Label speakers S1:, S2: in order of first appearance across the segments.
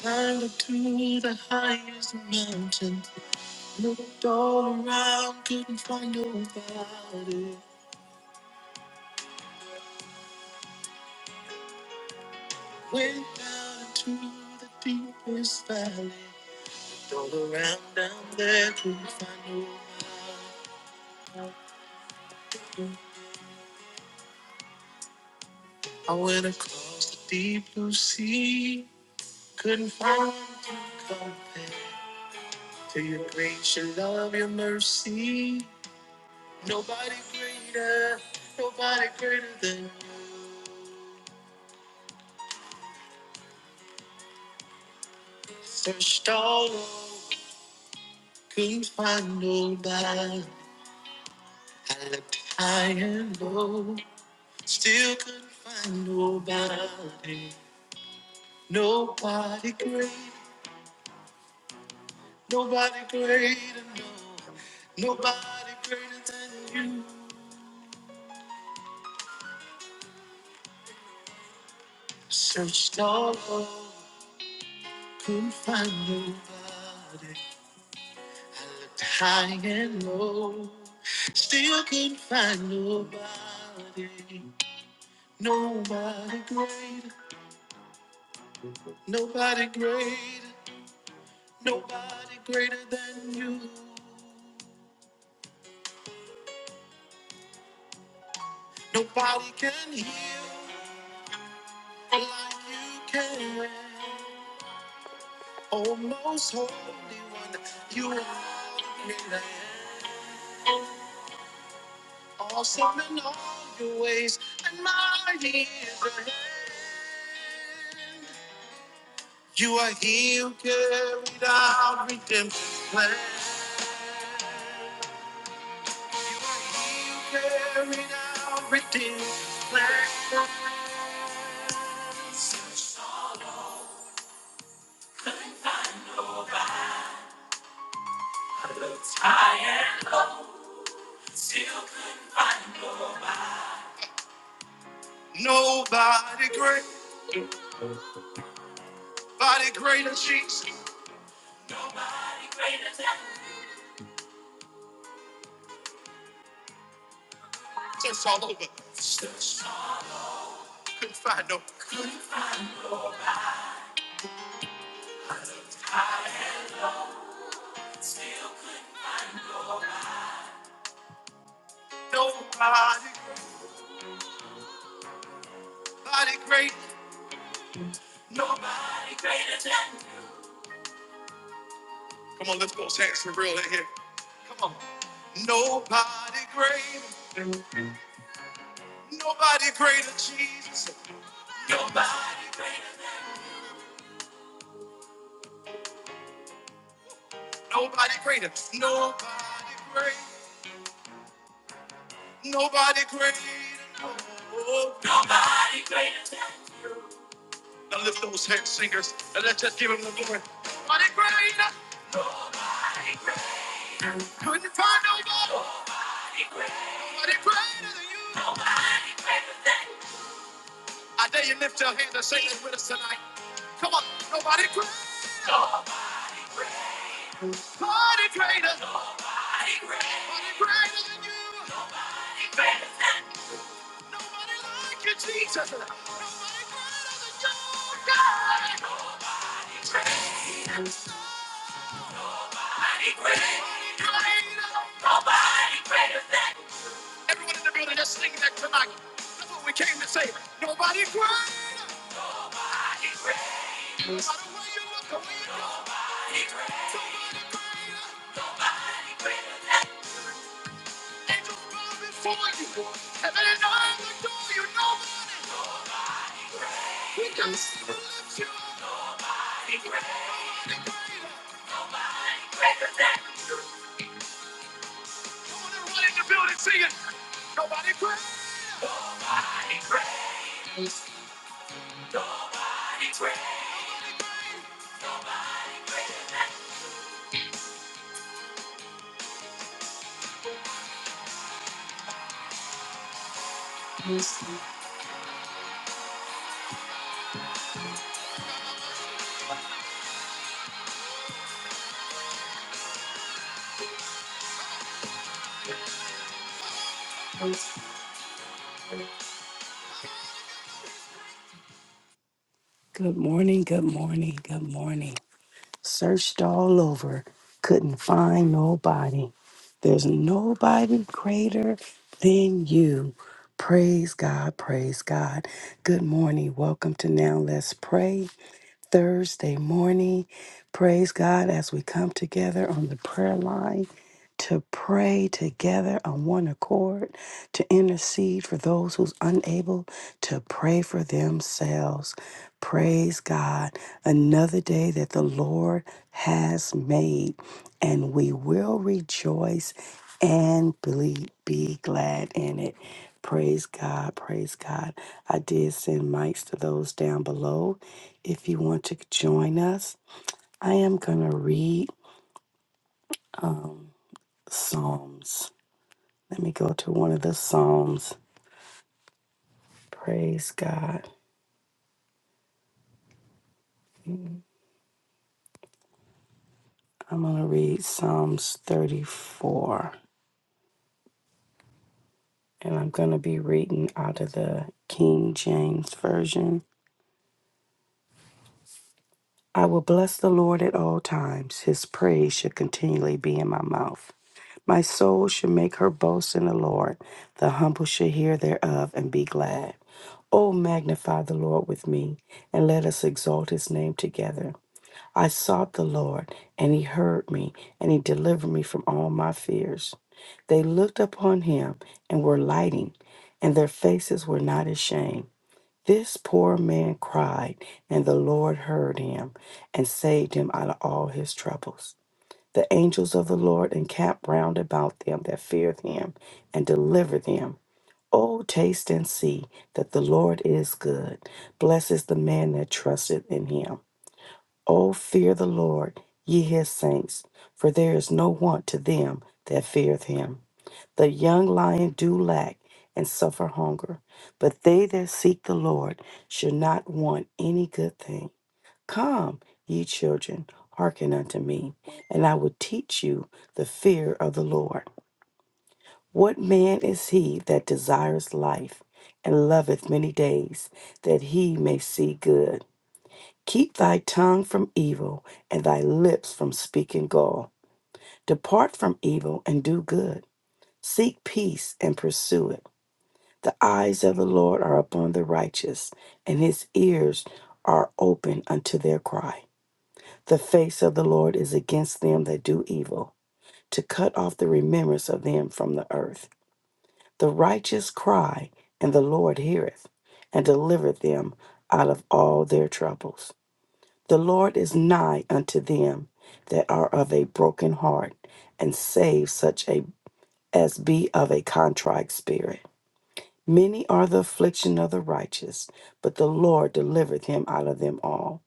S1: Climbed to the highest mountain. Looked all around, couldn't find nobody. Went down into the deepest valley. Looked all around down there, couldn't find nobody. I went across the deep blue sea. Couldn't find one to compare to your grace, your love, your mercy. Nobody greater, nobody greater than. Searched all over, couldn't find nobody. I looked high and low, still couldn't find nobody. Nobody great, nobody greater, no, nobody greater than you. Searched all over, couldn't find nobody. I looked high and low, still couldn't find nobody. Nobody greater. Nobody greater, nobody greater than you. Nobody can heal like you can. Oh, most holy one, you are great I am. Awesome in all your ways, and mighty is your hand. You are he who carried out redemption's plan. You are he who carried out redemption's plan. I am. Nobody great, body greater Jesus. It's all over. Couldn't find no. Nobody, body great. Nobody. Come on, lift those hands for real in here. Come on. Nobody great. Nobody greater Jesus. Nobody. Nobody greater. Nobody great. Nobody greater. Oh, no. Now lift those hands, singers, and let's just give him the glory. Nobody greater. Couldn't find nobody. Nobody greater than you. I dare you lift your hand and say this with us tonight. Come on. Nobody greater. Nobody greater. Nobody greater. Nobody like you, Jesus. Nobody greater than you, God. Nobody greater. Everyone in the building, just sing that tonight. That's what we came to say. Nobody greater. Nobody greater. No matter where you look, the way you go. Nobody greater. Angels bow before you. Heaven and earth adore you. Nobody. We can lift you up. Good morning, good morning, good morning. Searched all over, couldn't find nobody. There's nobody greater than you. Praise God, praise God. Good morning. Welcome to Now Let's Pray. Thursday morning. Praise God as we come together on the prayer line to pray together on one accord, to intercede for those who's unable to pray for themselves. Praise God. Another day that the Lord has made, and we will rejoice and be, be glad in it. Praise God, praise God. I did send mics to those down below if you want to join us, I am going to read Psalms. Let me go to one of the Psalms. Praise God. I'm going to read Psalms 34, and I'm going to be reading out of the King James Version. I will bless the Lord at all times. His praise shall continually be in my mouth. My soul shall make her boast in the Lord. The humble shall hear thereof and be glad. O magnify the Lord with me, and let us exalt his name together. I sought the Lord, and he heard me, and he delivered me from all my fears. They looked upon him and were lighting, and their faces were not ashamed. This poor man cried, and the Lord heard him and saved him out of all his troubles. The angels of the Lord encamp round about them that fear him and deliver them. Oh, taste and see that the Lord is good. Blessed is the man that trusteth in him. Oh, fear the Lord, ye his saints, for there is no want to them that feareth him. The young lion do lack and suffer hunger, but they that seek the Lord shall not want any good thing. Come, ye children, hearken unto me, and I will teach you the fear of the Lord. What man is he that desires life and loveth many days, that he may see good? Keep thy tongue from evil and thy lips from speaking gall. Depart from evil and do good. Seek peace and pursue it. The eyes of the Lord are upon the righteous, and his ears are open unto their cry. The face of the Lord is against them that do evil, to cut off the remembrance of them from the earth. The righteous cry, and the Lord heareth, and delivereth them out of all their troubles. The Lord is nigh unto them that are of a broken heart, and save such a, as be of a contrite spirit. Many are the affliction of the righteous, but the Lord delivereth him out of them all.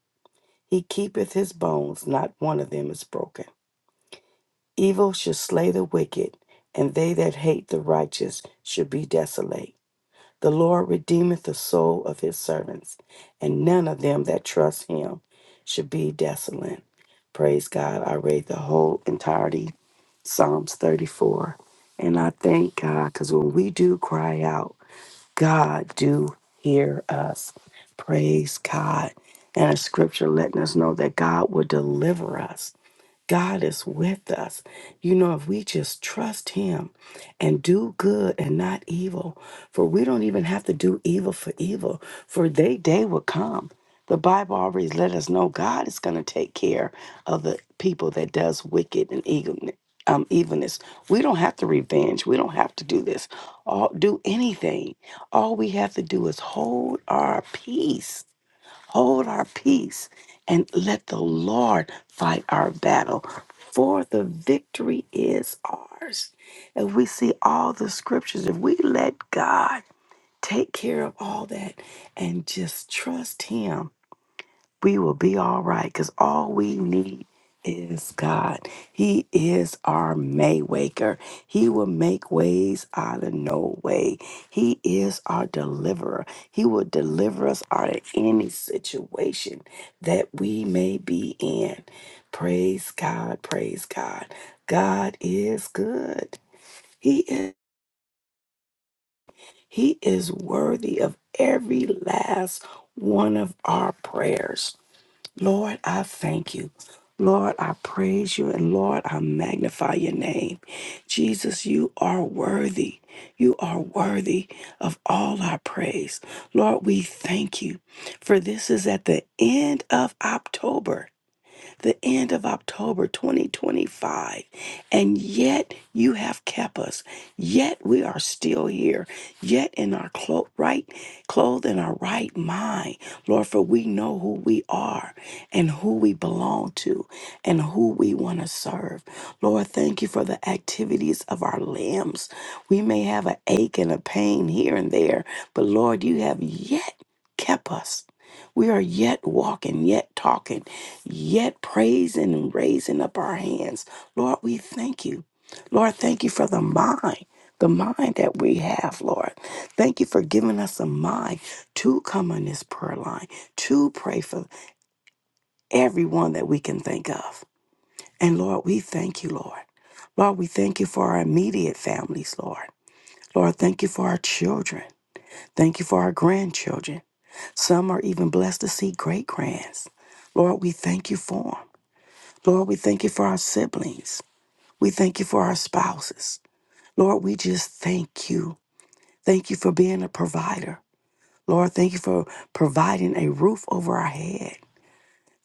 S1: He keepeth his bones, not one of them is broken. Evil shall slay the wicked, and they that hate the righteous shall be desolate. The Lord redeemeth the soul of his servants, and none of them that trust him shall be desolate. Praise God. I read the whole entirety, Psalms 34. And I thank God, because when we do cry out, God do hear us. Praise God. And a scripture letting us know that God will deliver us God is with us. You know, if we just trust Him and do good and not evil, for we don't even have to do evil for evil, for they day will come. The Bible already let us know God is going to take care of the people that does wicked and evil. Um, evilness. We don't have to revenge. We don't have to do this. All do anything. All we have to do is hold our peace hold our peace, and let the Lord fight our battle, for the victory is ours. If we see all the scriptures, if we let God take care of all that and just trust Him we will be all right because all we need is God. He is our Maywaker. He will make ways out of no way. He is our deliverer. He will deliver us out of any situation that we may be in. Praise God. Praise God. God is good. He is, he is worthy of every last one of our prayers. Lord, I thank you. Lord, I praise you. And Lord, I magnify your name. Jesus, you are worthy. You are worthy of all our praise. Lord, we thank you. For this is at the end of October the end of October 2025, and yet you have kept us. Yet we are still here. Yet in our clo- right, clothed in our right mind, Lord, for we know who we are and who we belong to and who we want to serve. Lord, thank you for the activities of our limbs. We may have an ache and a pain here and there, but Lord, you have yet kept us. We are yet walking, yet talking, yet praising and raising up our hands. Lord, we thank you. Lord, thank you for the mind, the mind that we have, Lord. Thank you for giving us a mind to come on this prayer line, to pray for everyone that we can think of. And Lord, we thank you, Lord. Lord, we thank you for our immediate families, Lord. Lord, thank you for our children. Thank you for our grandchildren. Some are even blessed to see great grands. Lord, we thank you for 'em. Lord, we thank you for our siblings. We thank you for our spouses. Lord, we just thank you. Thank you for being a provider. Lord, thank you for providing a roof over our head.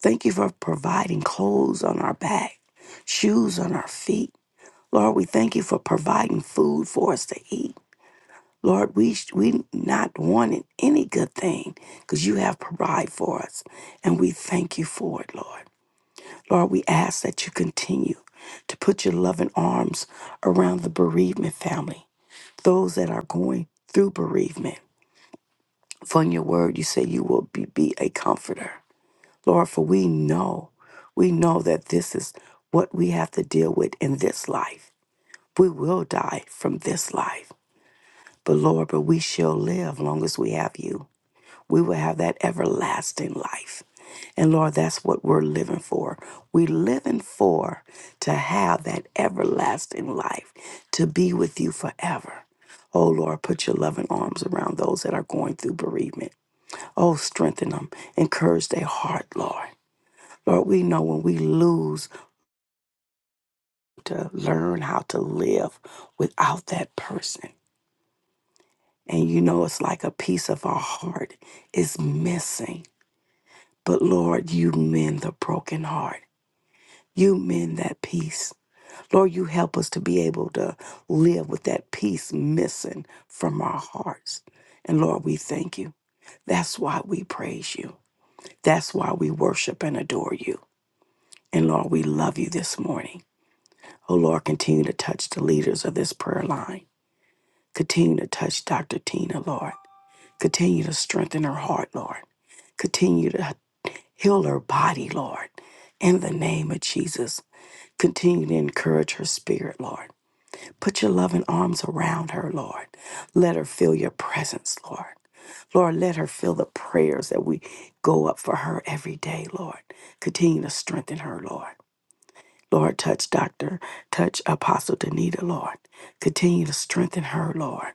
S1: Thank you for providing clothes on our back, shoes on our feet. Lord, we thank you for providing food for us to eat. Lord, we we not wanting any good thing because you have provided for us, and we thank you for it, Lord. Lord, we ask that you continue to put your loving arms around the bereavement family, those that are going through bereavement. For in your word, you say you will be, be a comforter. Lord, for we know, we know that this is what we have to deal with in this life. We will die from this life. But Lord, but we shall live long as we have you. we will have that everlasting life. And Lord, that's what we're living for. We're living for to have that everlasting life, to be with you forever. Oh Lord, put your loving arms around those that are going through bereavement. Oh, strengthen them, encourage their heart, Lord. Lord, we know when we lose to learn how to live without that person. And you know, it's like a piece of our heart is missing. But Lord, you mend the broken heart. You mend that peace. Lord, you help us to be able to live with that peace missing from our hearts. And Lord, we thank you. That's why we praise you. That's why we worship and adore you. And Lord, we love you this morning. Oh Lord, continue to touch the leaders of this prayer line. Continue to touch Dr. Tina, Lord. Continue to strengthen her heart, Lord. Continue to heal her body, Lord. In the name of Jesus. Continue to encourage her spirit, Lord. Put your loving arms around her, Lord. Let her feel your presence, Lord. Lord, let her feel the prayers that we go up for her every day, Lord. Continue to strengthen her, Lord. Lord, touch Dr. Touch Apostle Danita, Lord. Continue to strengthen her, Lord.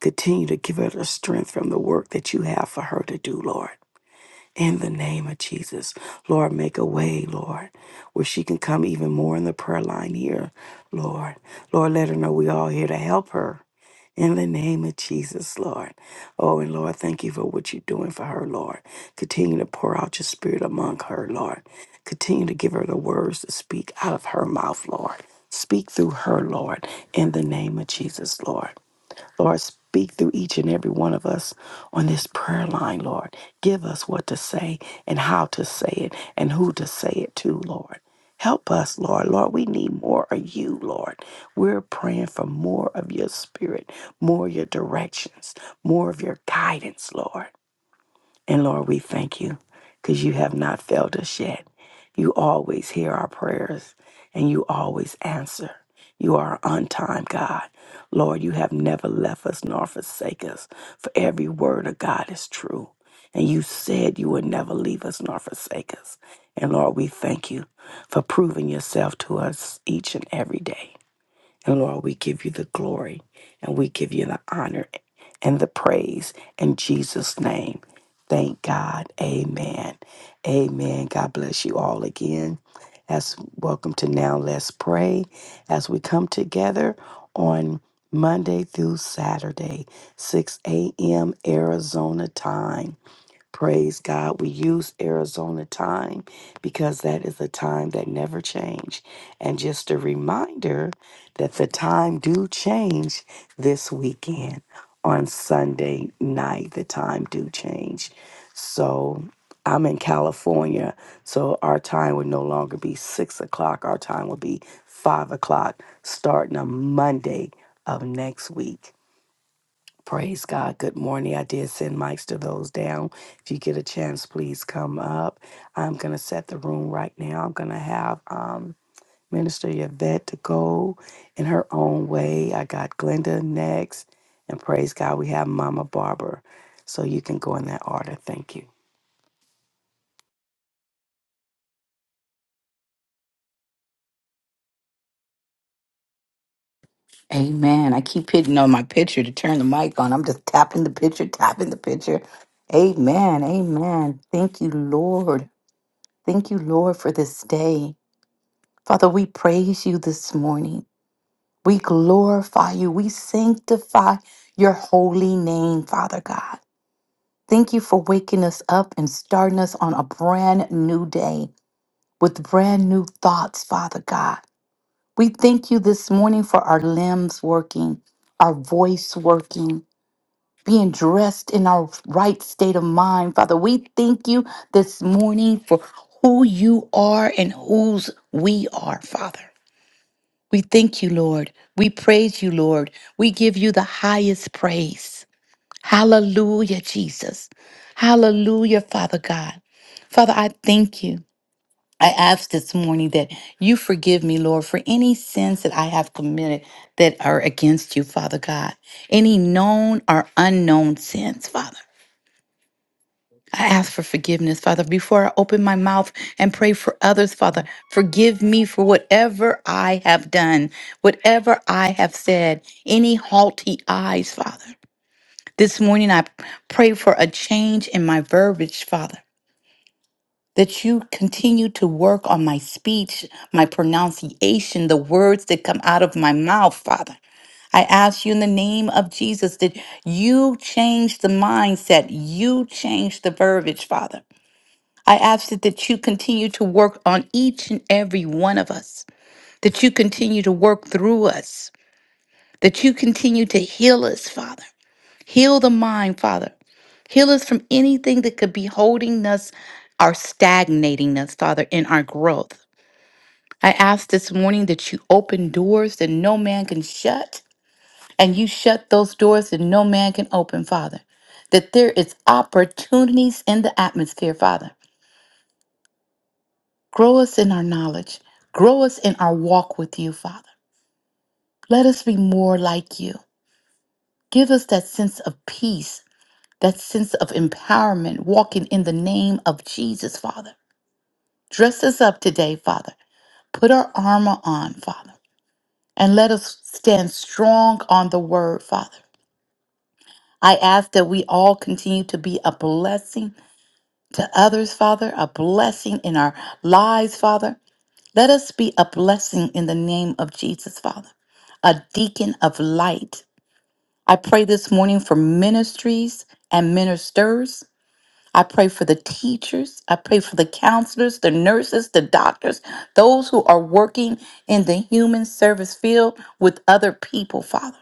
S1: Continue to give her the strength from the work that you have for her to do, Lord in the name of Jesus. Lord, make a way, Lord, where she can come even more in the prayer line here, Lord. Lord, let her know we all here to help her. In the name of Jesus, Lord. Oh, and Lord, thank you for what you're doing for her, Lord. Continue to pour out your spirit among her, Lord. Continue to give her the words to speak out of her mouth, Lord. Speak through her, Lord, in the name of Jesus, Lord. Lord, speak through each and every one of us on this prayer line, Lord. Give us what to say and how to say it and who to say it to, Lord. Help us, Lord. Lord, we need more of you, Lord. We're praying for more of your spirit, more of your directions, more of your guidance, Lord. And Lord, we thank you because you have not failed us yet. You always hear our prayers and you always answer. You are on time, God. Lord, you have never left us nor forsake us, for every word of God is true. And you said you would never leave us nor forsake us. And Lord, we thank you for proving yourself to us each and every day. And Lord, we give you the glory and we give you the honor and the praise in Jesus' name. Thank God. Amen. Amen. God bless you all again. As welcome to Now Let's Pray as we come together on Monday through Saturday, 6 a.m. Arizona time. Praise God. We use Arizona time because that is a time that never change. And just a reminder that the time do change this weekend on Sunday night. The time do change. So I'm in California, so our time would no longer be six o'clock. Our time will be five o'clock starting on Monday of next week. Praise God. Good morning. I did send mics to those down. If you get a chance, please come up. I'm going to set the room right now. I'm going to have um, Minister Yvette to go in her own way. I got Glenda next. And praise God, we have Mama Barbara. So you can go in that order. Thank you.
S2: Amen. I keep hitting on my picture to turn the mic on. I'm just tapping the picture, tapping the picture. Amen. Amen. Thank you, Lord. Thank you, Lord, for this day. Father, we praise you this morning. We glorify you. We sanctify your holy name, Father God. Thank you for waking us up and starting us on a brand new day with brand new thoughts, Father God. We thank you this morning for our limbs working, our voice working. being dressed in our right state of mind. Father, we thank you this morning for who you are and whose we are, Father. We thank you, Lord. We praise you, Lord. We give you the highest praise. Hallelujah, Jesus. Hallelujah, Father God. Father, I thank you. I ask this morning that you forgive me, Lord, for any sins that I have committed that are against you, Father God. Any known or unknown sins, Father. I ask for forgiveness, Father, before I open my mouth and pray for others, Father. Forgive me for whatever I have done, whatever I have said, any haughty eyes, Father. This morning I pray for a change in my verbiage, Father. That you continue to work on my speech, my pronunciation, the words that come out of my mouth, Father. I ask you in the name of Jesus that you change the mindset, you change the verbiage, Father. I ask that that you continue to work on each and every one of us, that you continue to work through us, that you continue to heal us, Father. Heal the mind, Father. Heal us from anything that could be holding us or stagnating us, Father, in our growth. I ask this morning that you open doors that no man can shut, and you shut those doors that no man can open, Father. That there is opportunities in the atmosphere, Father Grow us in our knowledge. Grow us in our walk with you, Father. Let us be more like you. Give us that sense of peace, that sense of empowerment, walking in the name of Jesus, Father. Dress us up today, Father. Put our armor on, Father, and let us stand strong on the word, Father. I ask that we all continue to be a blessing to others, Father, a blessing in our lives, Father. Let us be a blessing in the name of Jesus, Father, a deacon of light. I pray this morning for ministries and ministers. I pray for the teachers. I pray for the counselors, the nurses, the doctors, those who are working in the human service field with other people, Father.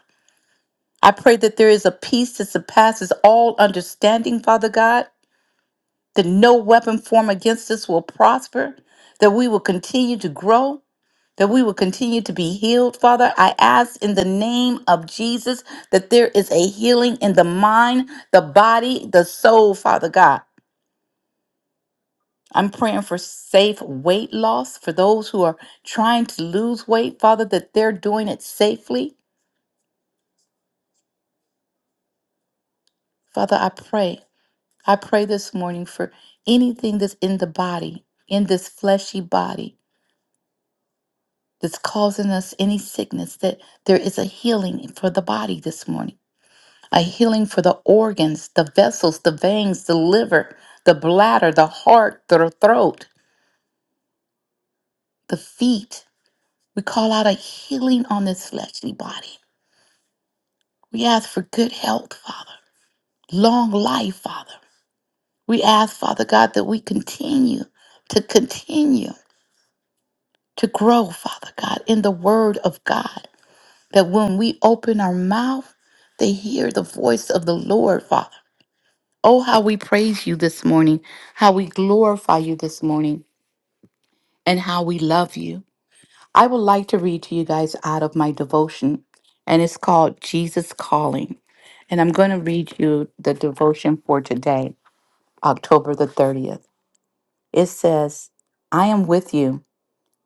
S2: I pray that there is a peace that surpasses all understanding, Father God, that no weapon formed against us will prosper, that we will continue to grow, that we will continue to be healed, Father. I ask in the name of Jesus that there is a healing in the mind, the body, the soul, Father God. I'm praying for safe weight loss for those who are trying to lose weight, Father, that they're doing it safely. Father, I pray. I pray this morning for anything that's in the body, in this fleshy body, that's causing us any sickness, that there is a healing for the body this morning. a healing for the organs, the vessels, the veins, the liver, the bladder, the heart, the throat, the feet. We call out a healing on this fleshly body. We ask for good health, Father, long life, Father. We ask, Father God, that we continue to continue to grow, Father God, in the Word of God, that when we open our mouth, they hear the voice of the Lord, Father. Oh, how we praise you this morning, how we glorify you this morning. and how we love you. I would like to read to you guys out of my devotion, and it's called Jesus Calling. And I'm going to read you the devotion for today, October the 30th. It says, I am with you.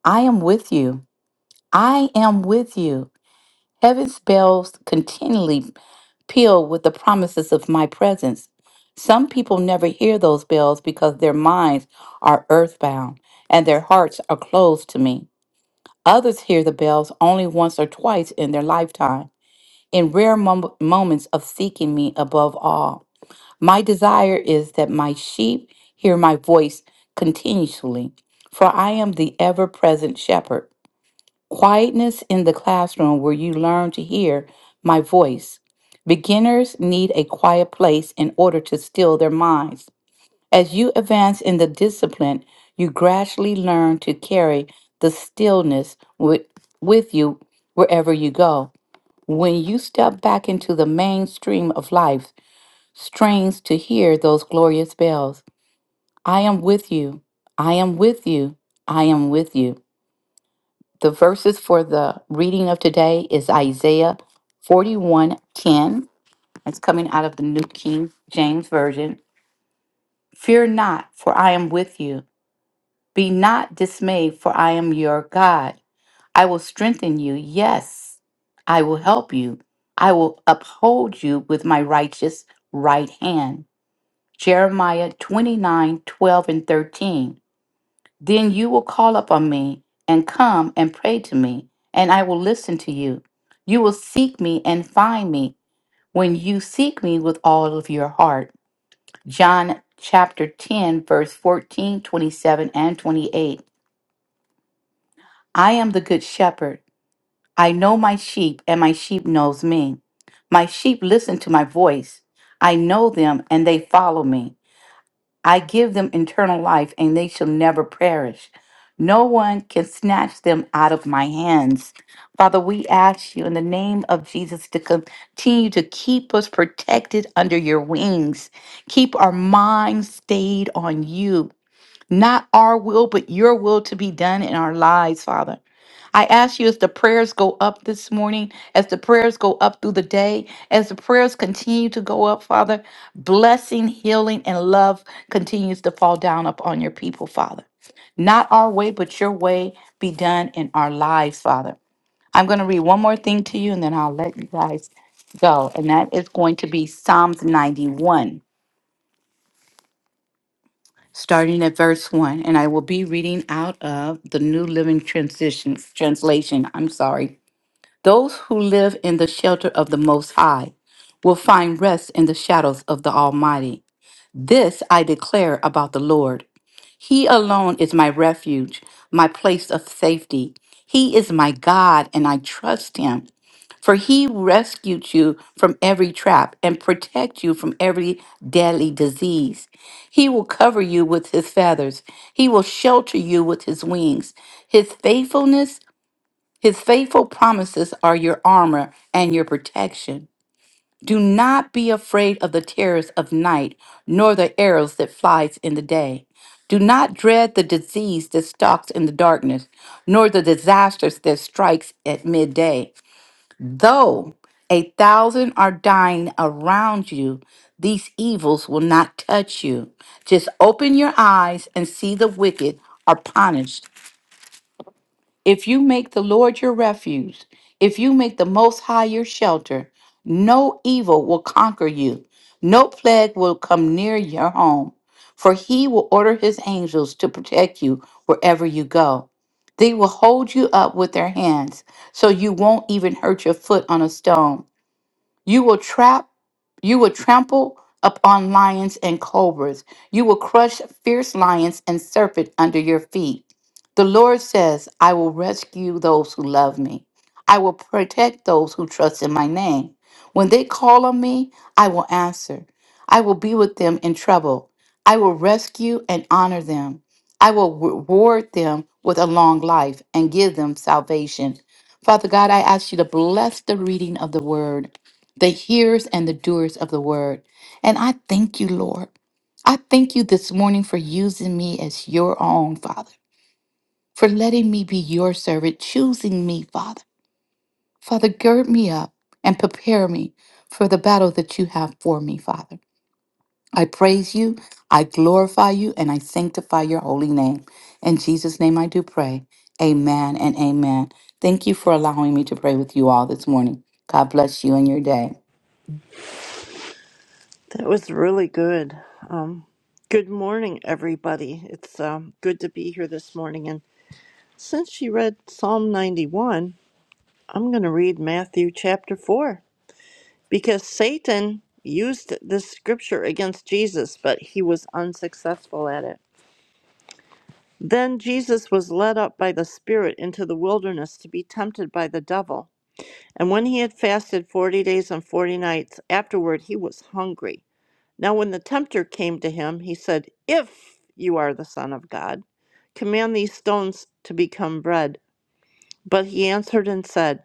S2: I am with you. I am with you. Heaven's bells continually peal with the promises of my presence. Some people never hear those bells because their minds are earthbound and their hearts are closed to me. Others hear the bells only once or twice in their lifetime, in rare mom- moments of seeking me above all. My desire is that my sheep hear my voice continuously, for I am the ever present shepherd. Quietness in the classroom where you learn to hear my voice. Beginners need a quiet place in order to still their minds as you advance in the discipline, you gradually learn to carry the stillness with, with you wherever you go. When you step back into the mainstream of life, strains to hear those glorious bells. I am with you. I am with you. I am with you. The verses for the reading of today is Isaiah 41:10. It's coming out of the New King James Version. Fear not, for I am with you. Be not dismayed, for I am your God. I will strengthen you. Yes, I will help you. I will uphold you with my righteous right hand. Jeremiah 29 12 and 13. Then you will call upon me and come and pray to me, and I will listen to you. You will seek me and find me when you seek me with all of your heart. John chapter 10, verse 14 27 and 28. I am the good shepherd. I know my sheep, and my sheep knows me. My sheep listen to my voice. I know them, and they follow me. I give them eternal life, and they shall never perish. No one can snatch them out of my hands. Father, we ask you in the name of Jesus to continue to keep us protected under your wings. Keep our minds stayed on you. Not our will, but your will to be done in our lives, Father. I ask you as the prayers go up this morning, as the prayers go up through the day, as the prayers continue to go up, Father, blessing, healing, and love continues to fall down upon your people, Father. Not our way, but your way be done in our lives, Father. I'm going to read one more thing to you and then I'll let you guys go. And that is going to be Psalms 91, starting at verse 1. And I will be reading out of the New Living Transition, Translation. I'm sorry. Those who live in the shelter of the Most High will find rest in the shadows of the Almighty. This I declare about the Lord. He alone is my refuge, my place of safety. He is my God, and I trust him. For he rescued you from every trap and protect you from every deadly disease. He will cover you with his feathers. He will shelter you with his wings. His faithfulness his faithful promises are your armor and your protection. Do not be afraid of the terrors of night, nor the arrows that flies in the day. Do not dread the disease that stalks in the darkness, nor the disasters that strikes at midday. Though a thousand are dying around you, these evils will not touch you. Just open your eyes and see the wicked are punished if you make the Lord your refuge, if you make the Most High your shelter, no evil will conquer you, no plague will come near your home, for he will order his angels to protect you wherever you go. They will hold you up with their hands so you won't even hurt your foot on a stone. You will trap, you will trample upon lions and cobras. You will crush fierce lions and serpent under your feet. The Lord says, I will rescue those who love me. I will protect those who trust in my name. When they call on me, I will answer. I will be with them in trouble. I will rescue and honor them. I will reward them with a long life and give them salvation. Father God, I ask you to bless the reading of the word the hearers and the doers of the word. And I thank you, Lord. I thank you this morning for using me as your own, Father, for letting me be your servant, choosing me, Father. Father, gird me up and prepare me for the battle that you have for me, Father. I praise you, I glorify you, and I sanctify your holy name. In Jesus' name I do pray. Amen and amen. Thank you for allowing me to pray with you all this morning. God bless you and your day.
S3: That was really good. Um, good morning, everybody. It's um, good to be here this morning. And since she read Psalm 91, I'm going to read Matthew chapter 4 because Satan used this scripture against Jesus, but he was unsuccessful at it. Then Jesus was led up by the Spirit into the wilderness to be tempted by the devil. And when he had fasted 40 days and 40 nights, afterward he was hungry. Now, when the tempter came to him, he said, If you are the Son of God, command these stones to become bread. But he answered and said,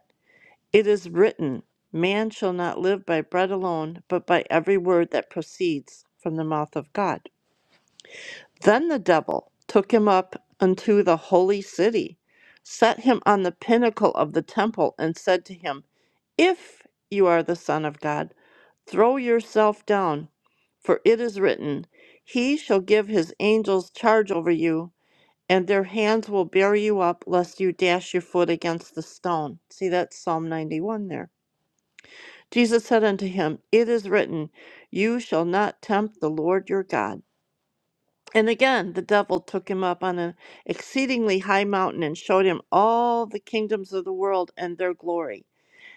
S3: It is written, Man shall not live by bread alone, but by every word that proceeds from the mouth of God. Then the devil took him up unto the holy city, set him on the pinnacle of the temple, and said to him, If you are the Son of God, Throw yourself down, for it is written, He shall give his angels charge over you, and their hands will bear you up, lest you dash your foot against the stone. See, that's Psalm 91 there. Jesus said unto him, It is written, You shall not tempt the Lord your God. And again, the devil took him up on an exceedingly high mountain and showed him all the kingdoms of the world and their glory.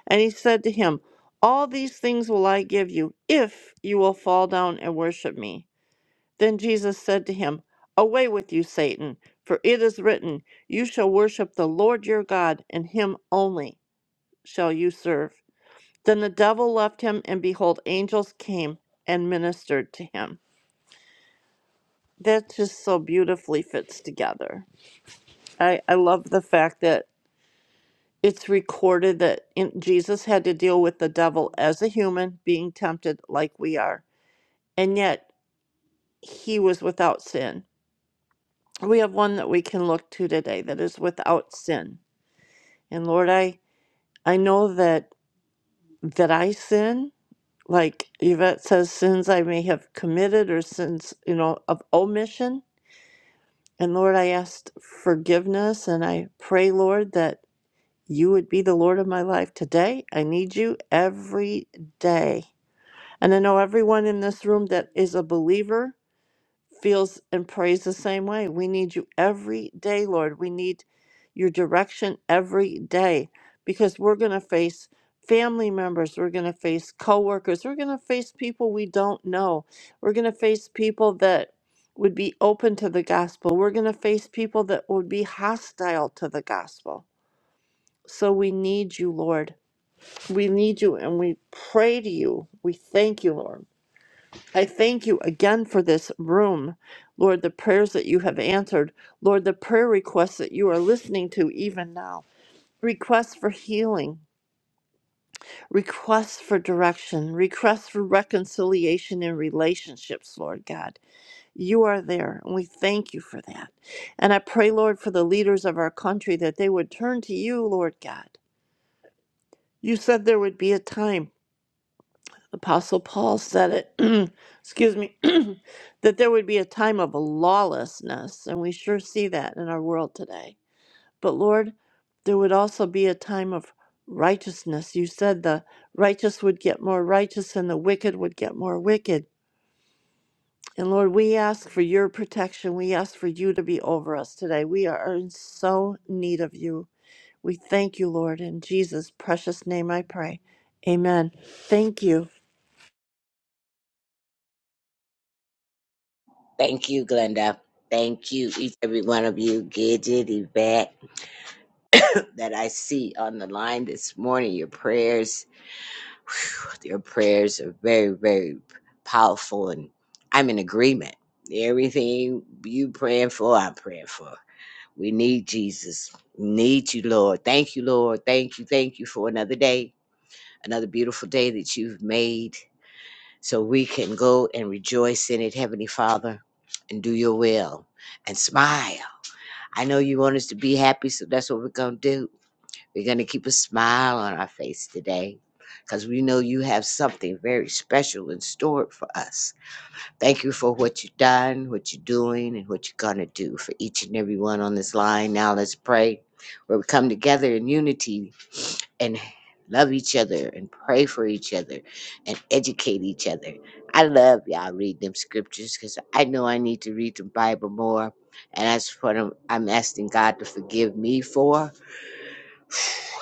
S3: And he said to him, All these things will I give you, if you will fall down and worship me. Then Jesus said to him, Away with you, Satan, for it is written, You shall worship the Lord your God, and him only shall you serve. Then the devil left him, and behold, angels came and ministered to him. That just so beautifully fits together. I, I love the fact that it's recorded that in, Jesus had to deal with the devil as a human being tempted like we are and yet he was without sin. We have one that we can look to today that is without sin. And Lord, I I know that that I sin, like Yvette says, sins I may have committed or sins, you know, of omission. And Lord, I asked forgiveness and I pray, Lord, that you would be the Lord of my life today. I need you every day. And I know everyone in this room that is a believer feels and prays the same way. We need you every day, Lord. We need your direction every day because we're going to face family members, we're going to face coworkers, we're going to face people we don't know. We're going to face people that would be open to the gospel. We're going to face people that would be hostile to the gospel. So we need you, Lord. We need you and we pray to you. We thank you, Lord. I thank you again for this room, Lord, the prayers that you have answered, Lord, the prayer requests that you are listening to even now. Requests for healing, requests for direction, requests for reconciliation in relationships, Lord God. You are there, and we thank you for that. And I pray, Lord, for the leaders of our country that they would turn to you, Lord God. You said there would be a time Apostle Paul said it, excuse me, that there would be a time of lawlessness, and we sure see that in our world today. But Lord, there would also be a time of righteousness. You said the righteous would get more righteous and the wicked would get more wicked. And Lord, we ask for your protection. We ask for you to be over us today. We are in so need of you. We thank you, Lord. In Jesus' precious name I pray. Amen. Thank you.
S4: Thank you, Glenda. Thank you, each every one of you, Gidget, Yvette, that I see on the line this morning. Your prayers, whew, your prayers are very, very powerful, and I'm in agreement. Everything you praying for, I'm praying for. We need Jesus. Need you, Lord. Thank you, Lord. Thank you. Thank you for another day, another beautiful day that you've made, so we can go and rejoice in it, Heavenly Father, and do your will and smile I know you want us to be happy, so that's what we're going to do. We're going to keep a smile on our face today because we know you have something very special in store for us. Thank you for what you've done, what you're doing, and what you're going to do for each and every one on this line. Now let's pray where we come together in unity and love each other and pray for each other and educate each other. I love y'all read them scriptures because I know I need to read the Bible more. And that's what I'm, I'm asking God to forgive me for.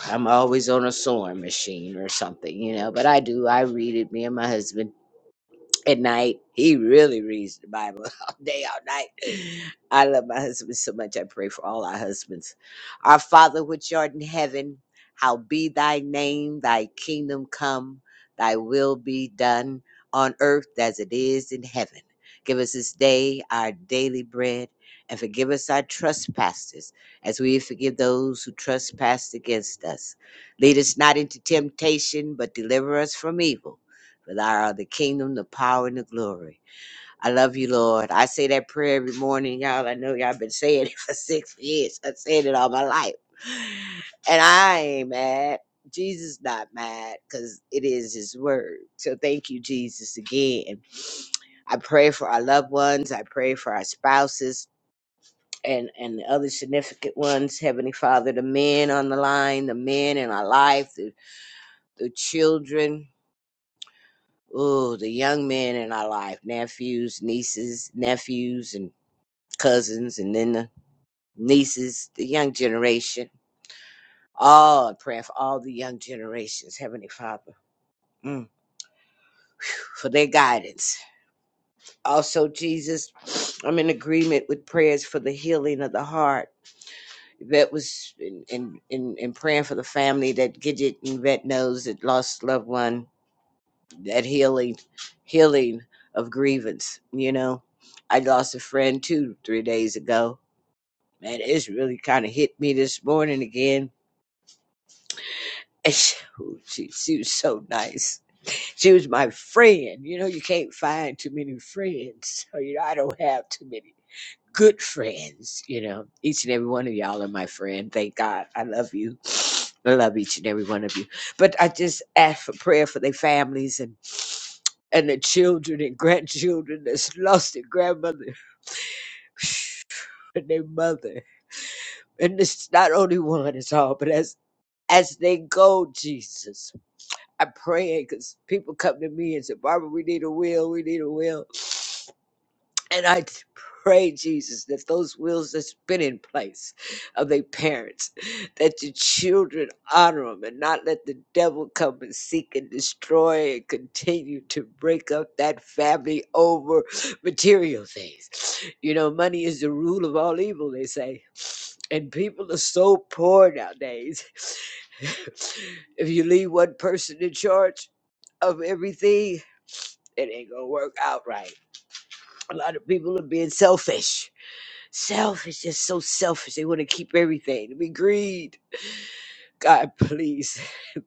S4: I'm always on a sewing machine or something, you know, but I do. I read it, me and my husband at night. He really reads the Bible all day, all night. I love my husband so much. I pray for all our husbands. Our Father, which art in heaven, how be thy name, thy kingdom come, thy will be done on earth as it is in heaven. Give us this day our daily bread and forgive us our trespasses as we forgive those who trespass against us. Lead us not into temptation, but deliver us from evil. But thou art the kingdom, the power, and the glory. I love you, Lord. I say that prayer every morning, y'all. I know y'all been saying it for six years. I said it all my life. And I ain't mad. Jesus not mad because it is his word. So thank you, Jesus, again. I pray for our loved ones. I pray for our spouses and, and the other significant ones. Heavenly Father, the men on the line, the men in our life, the, the children Oh, the young men in our life, nephews, nieces, nephews, and cousins, and then the nieces, the young generation. All I pray for all the young generations, Heavenly Father, mm, for their guidance. Also, Jesus, I'm in agreement with prayers for the healing of the heart. That was in in in, in praying for the family that Gidget and Vet knows that lost a loved one that healing healing of grievance you know i lost a friend two three days ago Man, it's really kind of hit me this morning again and she, oh, she, she was so nice she was my friend you know you can't find too many friends so you know i don't have too many good friends you know each and every one of y'all are my friend thank god i love you i love each and every one of you but i just ask for prayer for their families and. and the children and grandchildren that's lost their grandmother and their mother. And it's not only one, it's all, but as as they go, Jesus, I'm praying because people come to me and say, Barbara, we need a will, we need a will. And I t- pray, Jesus, that those wills that's been in place of their parents, that your children honor them and not let the devil come and seek and destroy and continue to break up that family over material things. You know, money is the rule of all evil, they say. And people are so poor nowadays. if you leave one person in charge of everything, it ain't gonna work out right. A lot of people are being selfish. Selfish, just so selfish. They want to keep everything. We greed. God, please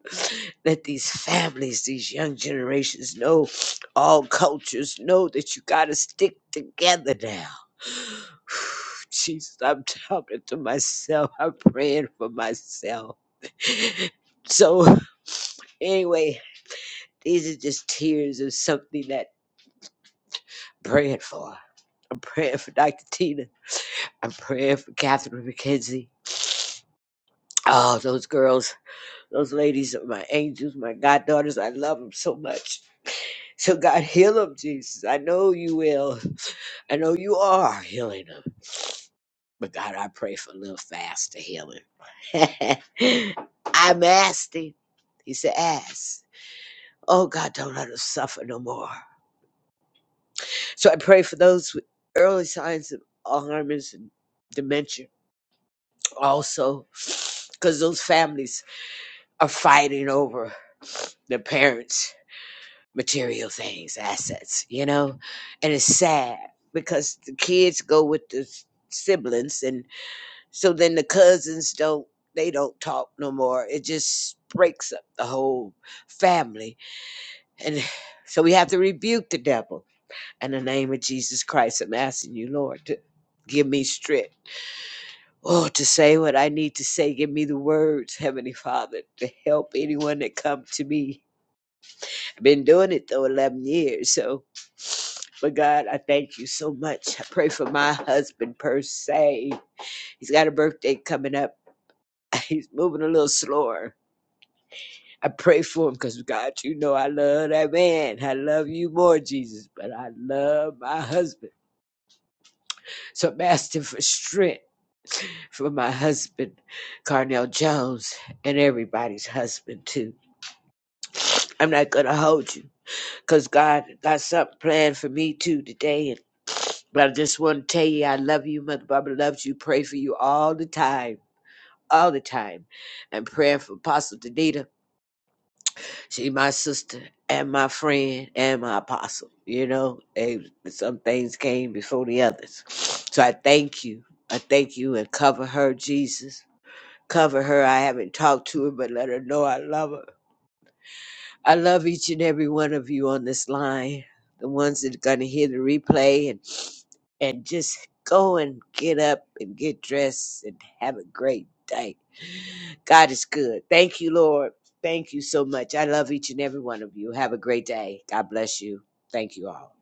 S4: let these families, these young generations know, all cultures know that you got to stick together now. Jesus, I'm talking to myself. I'm praying for myself. So, anyway, these are just tears of something that I'm praying for. I'm praying for Dr. Tina. I'm praying for Catherine McKenzie. Oh, those girls, those ladies are my angels, my goddaughters. I love them so much. So, God, heal them, Jesus. I know you will. I know you are healing them. But, God, I pray for a little faster healing. I'm asking. He said, ask. Oh, God, don't let us suffer no more. So, I pray for those with early signs of Alzheimer's and dementia also, because those families are fighting over the parents' material things, assets, you know? And it's sad because the kids go with the s- siblings and so then the cousins don't they don't talk no more. It just breaks up the whole family. And so we have to rebuke the devil. In the name of Jesus Christ, I'm asking you, Lord, to give me strength. Oh, to say what I need to say. Give me the words, Heavenly Father, to help anyone that come to me Been doing it though 11 years. So, but God, I thank you so much. I pray for my husband per se. He's got a birthday coming up. He's moving a little slower. I pray for him because God, you know I love that man. I love you more, Jesus, but I love my husband. So I'm asking for strength for my husband, Carnell Jones, and everybody's husband too. I'm not gonna hold you, cause God got something planned for me too today But I just want to tell you, I love you. Mother Barbara loves you. Pray for you all the time, all the time. And praying for Apostle Danita. She my sister and my friend and my apostle. You know, They- some things came before the others. So I thank you. I thank you and cover her, Jesus. Cover her. I haven't talked to her, but let her know I love her. I love each and every one of you on this line, the ones that are going to hear the replay and and just go and get up and get dressed and have a great day. God is good. Thank you, Lord. Thank you so much. I love each and every one of you. Have a great day. God bless you. Thank you all.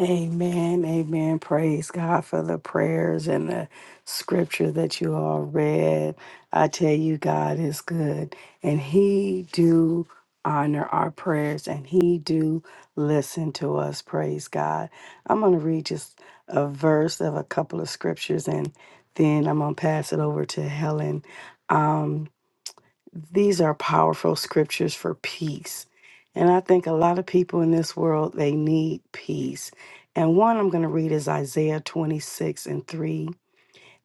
S1: Amen. Amen. Praise God for the prayers and the scripture that you all read. I tell you, God is good and he do honor our prayers and he do listen to us. Praise God. I'm going to read just a verse of a couple of scriptures and then I'm going to pass it over to Helen. Um, these are powerful scriptures for peace. And I think a lot of people in this world, they need peace. And one I'm going to read is Isaiah 26 and 3.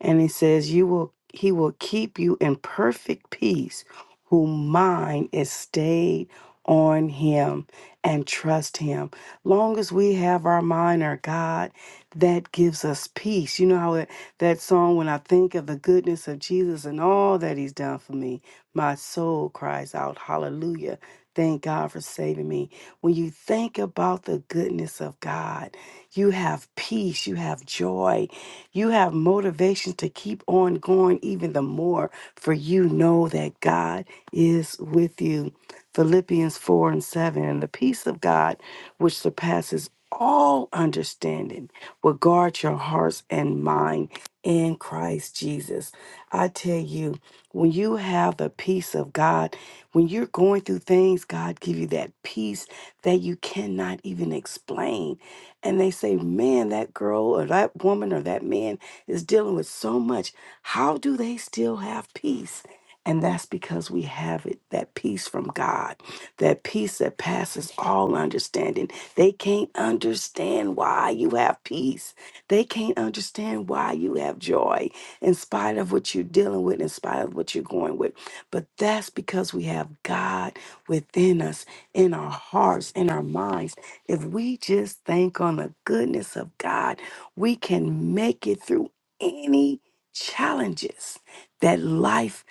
S1: And he says, You will he will keep you in perfect peace, whose mind is stayed on him and trust him. Long as we have our mind on God, that gives us peace. You know how it, that song, when I think of the goodness of Jesus and all that he's done for me, my soul cries out, Hallelujah. Thank God for saving me. When you think about the goodness of God, you have peace, you have joy, you have motivation to keep on going even the more, for you know that God is with you. Philippians 4 and 7. And the peace of God, which surpasses all understanding, will guard your hearts and mind in Christ Jesus. I tell you, when you have the peace of God, when you're going through things, God give you that peace that you cannot even explain and they say, man, that girl or that woman or that man is dealing with so much. How do they still have peace? And that's because we have it, that peace from God, that peace that passes all understanding. They can't understand why you have peace. They can't understand why you have joy in spite of what you're dealing with, in spite of what you're going with. But that's because we have God within us, in our hearts, in our minds if we just think on the goodness of God, we can make it through any challenges that life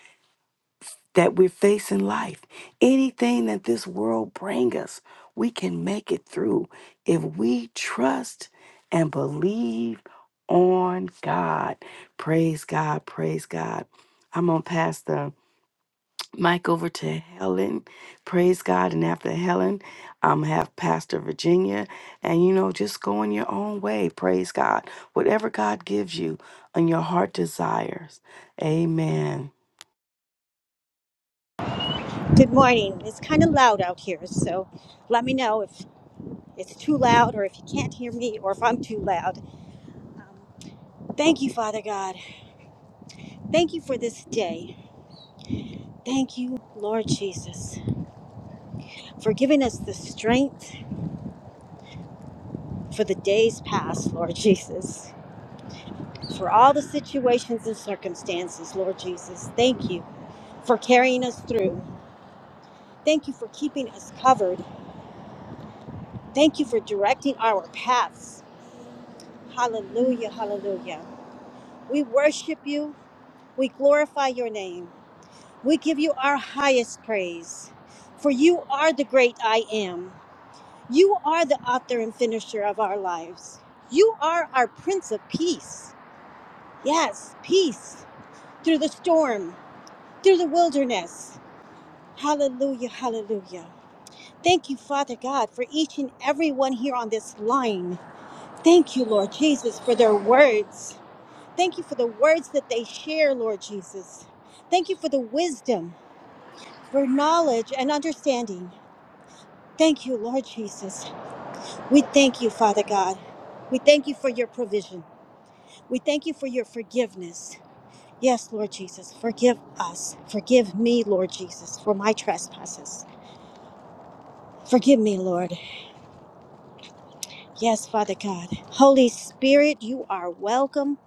S1: that we're facing life. Anything that this world bring us, we can make it through if we trust and believe on God. Praise God, praise God. I'm gonna pass the mic over to Helen. Praise God. And after Helen, um, have Pastor Virginia. And you know, just go in your own way. Praise God. Whatever God gives you and your heart desires. Amen.
S5: Good morning. It's kind of loud out here, so let me know if it's too loud or if you can't hear me or if I'm too loud. Um, thank you, Father God. Thank you for this day. Thank you, Lord Jesus, for giving us the strength for the days past, Lord Jesus, for all the situations and circumstances, Lord Jesus. Thank you for carrying us through. Thank you for keeping us covered. Thank you for directing our paths. Hallelujah, hallelujah. We worship you. We glorify your name. We give you our highest praise, for you are the great I am. You are the author and finisher of our lives. You are our Prince of Peace. Yes, peace through the storm, through the wilderness. Hallelujah, hallelujah. Thank you, Father God, for each and every one here on this line. Thank you, Lord Jesus, for their words. Thank you for the words that they share, Lord Jesus. Thank you for the wisdom. for knowledge and understanding. Thank you, Lord Jesus. We thank you, Father God. We thank you for your provision. We thank you for your forgiveness. Yes, Lord Jesus, forgive us. Forgive me, Lord Jesus, for my trespasses. Forgive me, Lord. Yes, Father God. Holy Spirit, you are welcome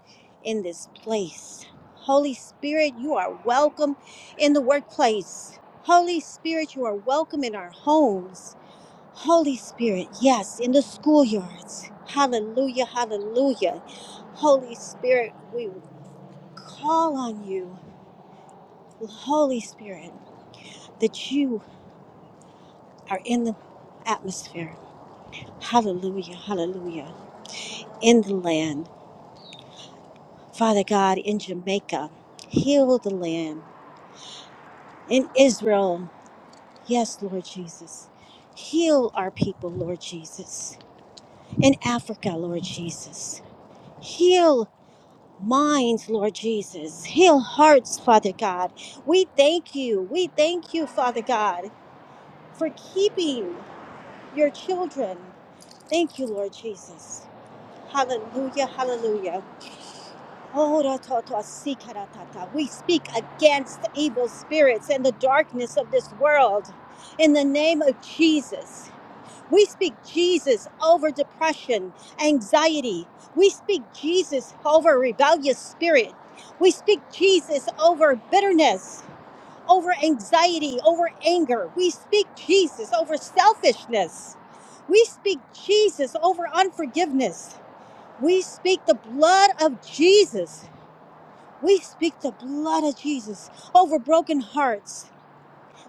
S5: in this place. Holy Spirit, you are welcome in the workplace. Holy Spirit, you are welcome in our homes. Holy Spirit, yes, in the schoolyards. Hallelujah, hallelujah. Holy Spirit, we call on you. Holy Spirit, that you are in the atmosphere. Hallelujah, hallelujah. In the land. Father God, in Jamaica, heal the land. In Israel, yes, Lord Jesus. Heal our people, Lord Jesus. In Africa, Lord Jesus. Heal minds, Lord Jesus. Heal hearts, Father God. We thank you. We thank you, Father God, for keeping your children. Thank you, Lord Jesus. Hallelujah, hallelujah. Oh, ra ta ta si ka We speak against evil spirits and the darkness of this world in the name of Jesus. We speak Jesus over depression, anxiety. We speak Jesus over rebellious spirit. We speak Jesus over bitterness, over anxiety, over anger. We speak Jesus over selfishness. We speak Jesus over unforgiveness. We speak the blood of Jesus. We speak the blood of Jesus over broken hearts.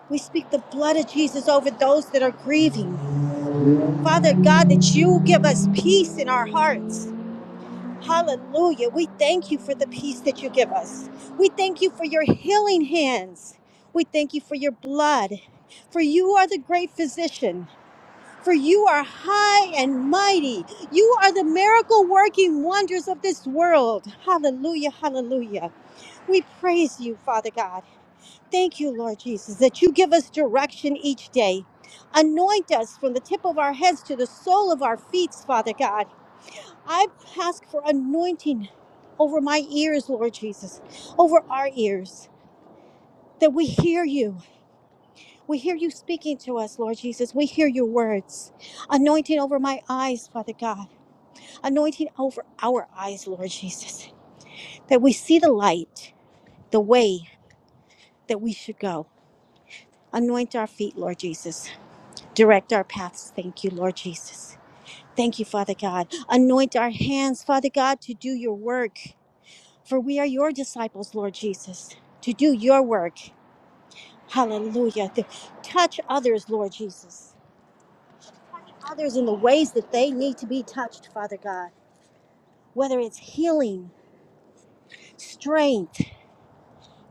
S5: We speak the blood of Jesus over those that are grieving. Father God, that you give us peace in our hearts. Hallelujah. We thank you for the peace that you give us. We thank you for your healing hands. We thank you for your blood. For you are the great physician. For you are high and mighty. You are the miracle working wonders of this world. Hallelujah. Hallelujah. We praise you, Father God. Thank you, Lord Jesus, that you give us direction each day. Anoint us from the tip of our heads to the sole of our feet, Father God. I ask for anointing over my ears, Lord Jesus, over our ears, that we hear you. We hear you speaking to us, Lord Jesus. We hear your words. Anointing over my eyes, Father God. Anointing over our eyes, Lord Jesus, that we see the light, the way that we should go. Anoint our feet, Lord Jesus Direct our paths. Thank you, Lord Jesus. Thank you, Father God. Anoint our hands, Father God, to do your work. For we are your disciples, Lord Jesus, to do your work. Hallelujah. To touch others, Lord Jesus. Others in the ways that they need to be touched, Father God. Whether it's healing, strength,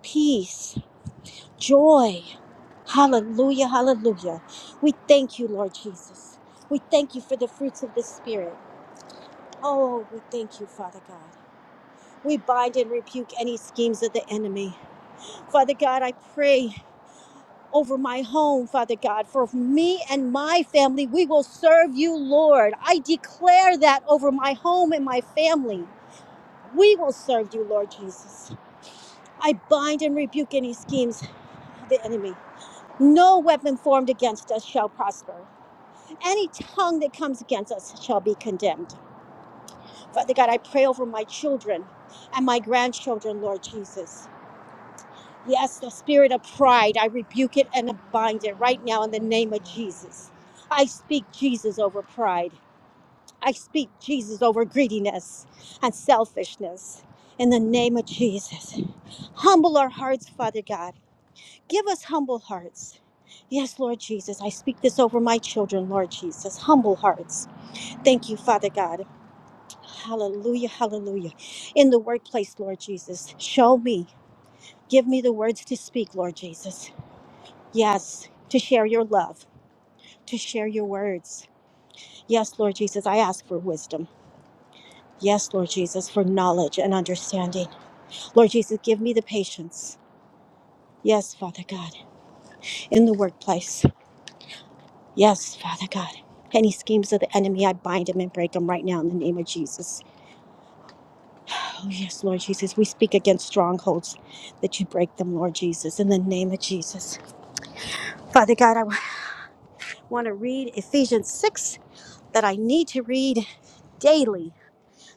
S5: peace, joy. Hallelujah, hallelujah. We thank you, Lord Jesus. We thank you for the fruits of the Spirit. Oh, we thank you, Father God. We bind and rebuke any schemes of the enemy. Father God, I pray over my home, Father God, for me and my family, we will serve you, Lord. I declare that over my home and my family. We will serve you, Lord Jesus. I bind and rebuke any schemes of the enemy. No weapon formed against us shall prosper. Any tongue that comes against us shall be condemned. Father God, I pray over my children and my grandchildren, Lord Jesus. Yes, the spirit of pride, I rebuke it and bind it right now in the name of Jesus. I speak Jesus over pride. I speak Jesus over greediness and selfishness in the name of Jesus. Humble our hearts, Father God. Give us humble hearts. Yes, Lord Jesus, I speak this over my children, Lord Jesus. Humble hearts. Thank you, Father God. Hallelujah, hallelujah. In the workplace, Lord Jesus, show me. Give me the words to speak, Lord Jesus. Yes, to share your love, to share your words. Yes, Lord Jesus, I ask for wisdom. Yes, Lord Jesus, for knowledge and understanding. Lord Jesus, give me the patience. Yes, Father God, in the workplace. Yes, Father God. Any schemes of the enemy, I bind them and break them right now in the name of Jesus. Oh, yes, Lord Jesus, we speak against strongholds that you break them, Lord Jesus, in the name of Jesus. Father God, I want to read Ephesians 6 that I need to read daily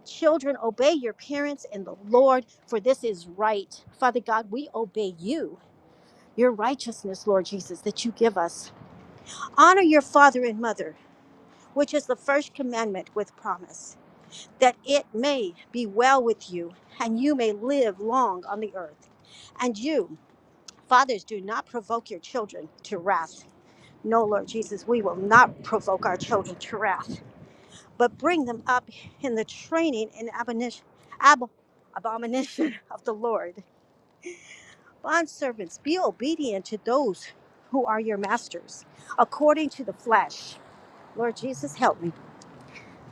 S5: Children, obey your parents and the Lord, for this is right. Father God, we obey you, your righteousness, Lord Jesus, that you give us. Honor your father and mother, which is the first commandment with promise, that it may be well with you and you may live long on the earth. And you, fathers, do not provoke your children to wrath. No, Lord Jesus, we will not provoke our children to wrath. but bring them up in the training and abomination, ab- abomination of the Lord. Bondservants, be obedient to those who are your masters, according to the flesh. Lord Jesus, help me,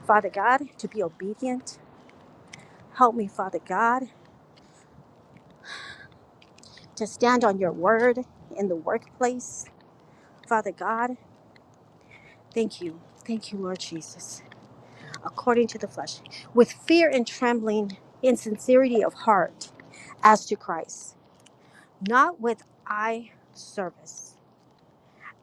S5: Father God, to be obedient. Help me, Father God, to stand on your word in the workplace. Father God, thank you. Thank you, Lord Jesus, according to the flesh, with fear and trembling, in sincerity of heart, as to Christ. not with eye service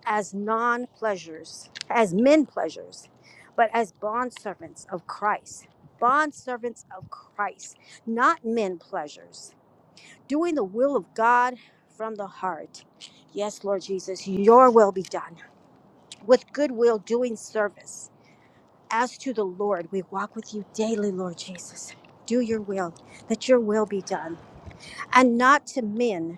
S5: as non pleasures, as men pleasures, but as bondservants of Christ, bondservants of Christ, not men pleasures, doing the will of God from the heart. Yes, Lord Jesus, your will be done with goodwill, doing service. As to the Lord, we walk with you daily, Lord Jesus. Do your will, that your will be done, and not to men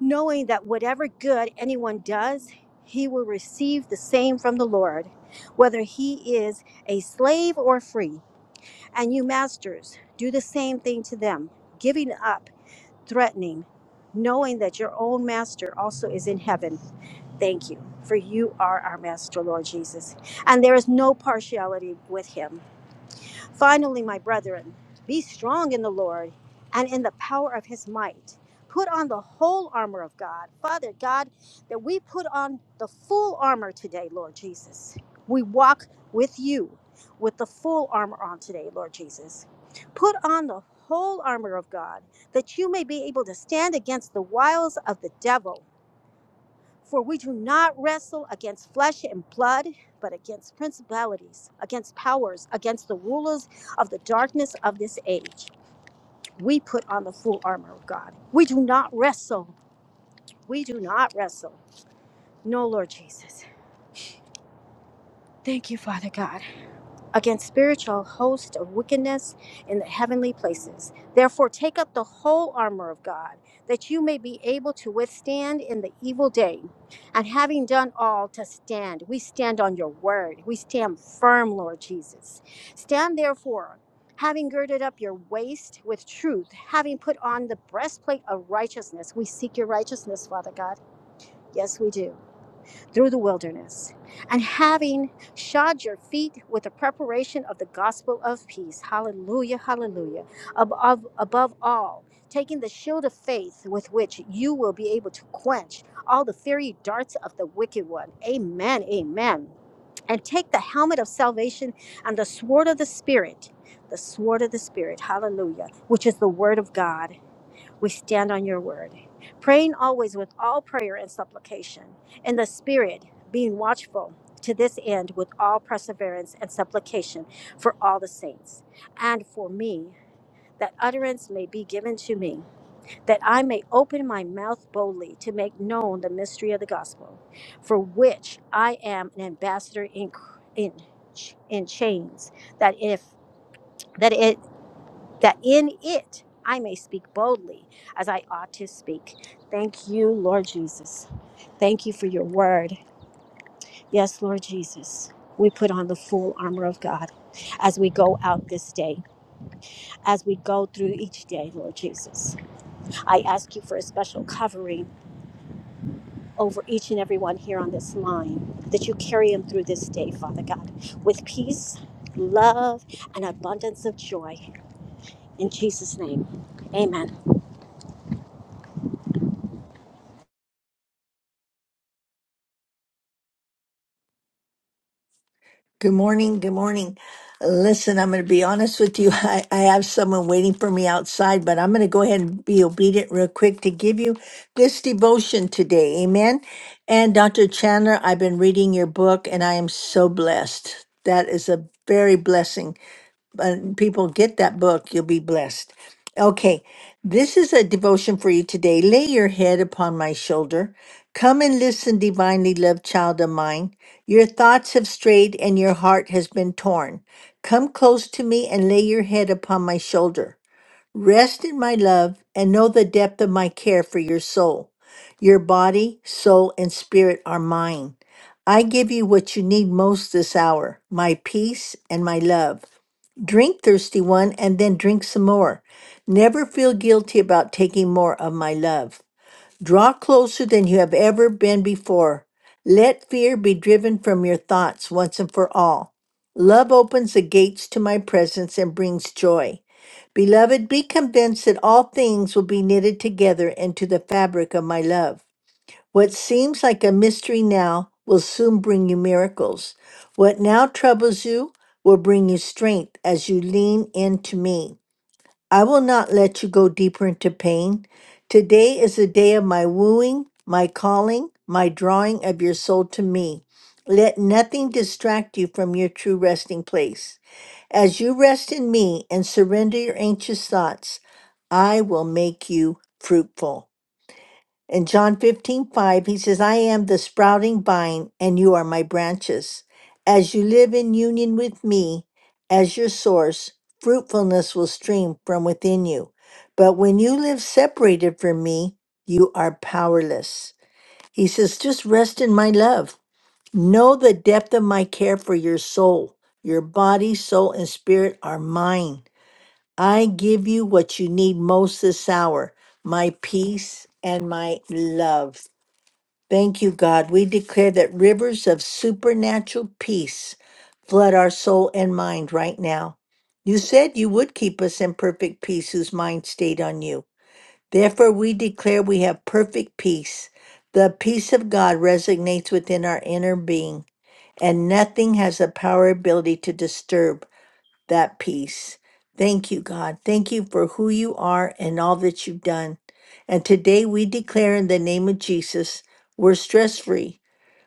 S5: knowing that whatever good anyone does, he will receive the same from the Lord, whether he is a slave or free. And you, masters, do the same thing to them, giving up, threatening, knowing that your own master also is in heaven. Thank you, for you are our master, Lord Jesus, and there is no partiality with him. Finally, my brethren, be strong in the Lord and in the power of his might. Put on the whole armor of God. Father God, that we put on the full armor today, Lord Jesus. We walk with you with the full armor on today, Lord Jesus. Put on the whole armor of God that you may be able to stand against the wiles of the devil. For we do not wrestle against flesh and blood, but against principalities, against powers, against the rulers of the darkness of this age. We put on the full armor of God. We do not wrestle. We do not wrestle. No, Lord Jesus. Thank you, Father God. against spiritual hosts of wickedness in the heavenly places. Therefore, take up the whole armor of God, that you may be able to withstand in the evil day. And having done all to stand, we stand on your word. We stand firm, Lord Jesus. Stand therefore. Having girded up your waist with truth, having put on the breastplate of righteousness, we seek your righteousness, Father God. Yes, we do through the wilderness. And having shod your feet with the preparation of the gospel of peace, hallelujah, hallelujah, above, above all, taking the shield of faith with which you will be able to quench all the fiery darts of the wicked one. Amen, amen. And take the helmet of salvation and the sword of the Spirit, the sword of the Spirit, hallelujah, which is the word of God we stand on your word. Praying always with all prayer and supplication, in the Spirit, being watchful to this end with all perseverance and supplication for all the saints, and for me, that utterance may be given to me, that I may open my mouth boldly to make known the mystery of the gospel, for which I am an ambassador in, in, in chains, that if that it that in it I may speak boldly as I ought to speak. Thank you, Lord Jesus. Thank you for your word. Yes, Lord Jesus. We put on the full armor of God as we go out this day, as we go through each day, Lord Jesus. I ask you for a special covering over each and every one here on this line, that you carry them through this day, Father God, with peace, love, and abundance of joy. In Jesus' name, amen.
S6: Good morning. Good morning. Listen, I'm going to be honest with you. I, I have someone waiting for me outside, but I'm going to go ahead and be obedient real quick to give you this devotion today. Amen. And Dr. Chandler, I've been reading your book and I am so blessed. That is a very blessing and people get that book, you'll be blessed. Okay, this is a devotion for you today. Lay your head upon my shoulder. Come and listen, divinely loved child of mine. Your thoughts have strayed and your heart has been torn. Come close to me and lay your head upon my shoulder. Rest in my love and know the depth of my care for your soul. Your body, soul, and spirit are mine. I give you what you need most this hour my peace and my love. Drink, thirsty one, and then drink some more. Never feel guilty about taking more of my love. Draw closer than you have ever been before. Let fear be driven from your thoughts once and for all. Love opens the gates to my presence and brings joy. Beloved, be convinced that all things will be knitted together into the fabric of my love. What seems like a mystery now will soon bring you miracles. What now troubles you will bring you strength as you lean into me. I will not let you go deeper into pain. Today is the day of my wooing, my calling, my drawing of your soul to me. Let nothing distract you from your true resting place. As you rest in me and surrender your anxious thoughts, I will make you fruitful. In John 15 5, he says, I am the sprouting vine, and you are my branches. As you live in union with me as your source, fruitfulness will stream from within you. But when you live separated from me, you are powerless. He says, just rest in my love. Know the depth of my care for your soul. Your body, soul, and spirit are mine. I give you what you need most this hour my peace and my love. Thank you, God. We declare that rivers of supernatural peace flood our soul and mind right now. You said you would keep us in perfect peace whose mind stayed on you. Therefore, we declare we have perfect peace. The peace of God resonates within our inner being, and nothing has the power or ability to disturb that peace. Thank you, God. Thank you for who you are and all that you've done. And today we declare in the name of Jesus, we're stress free.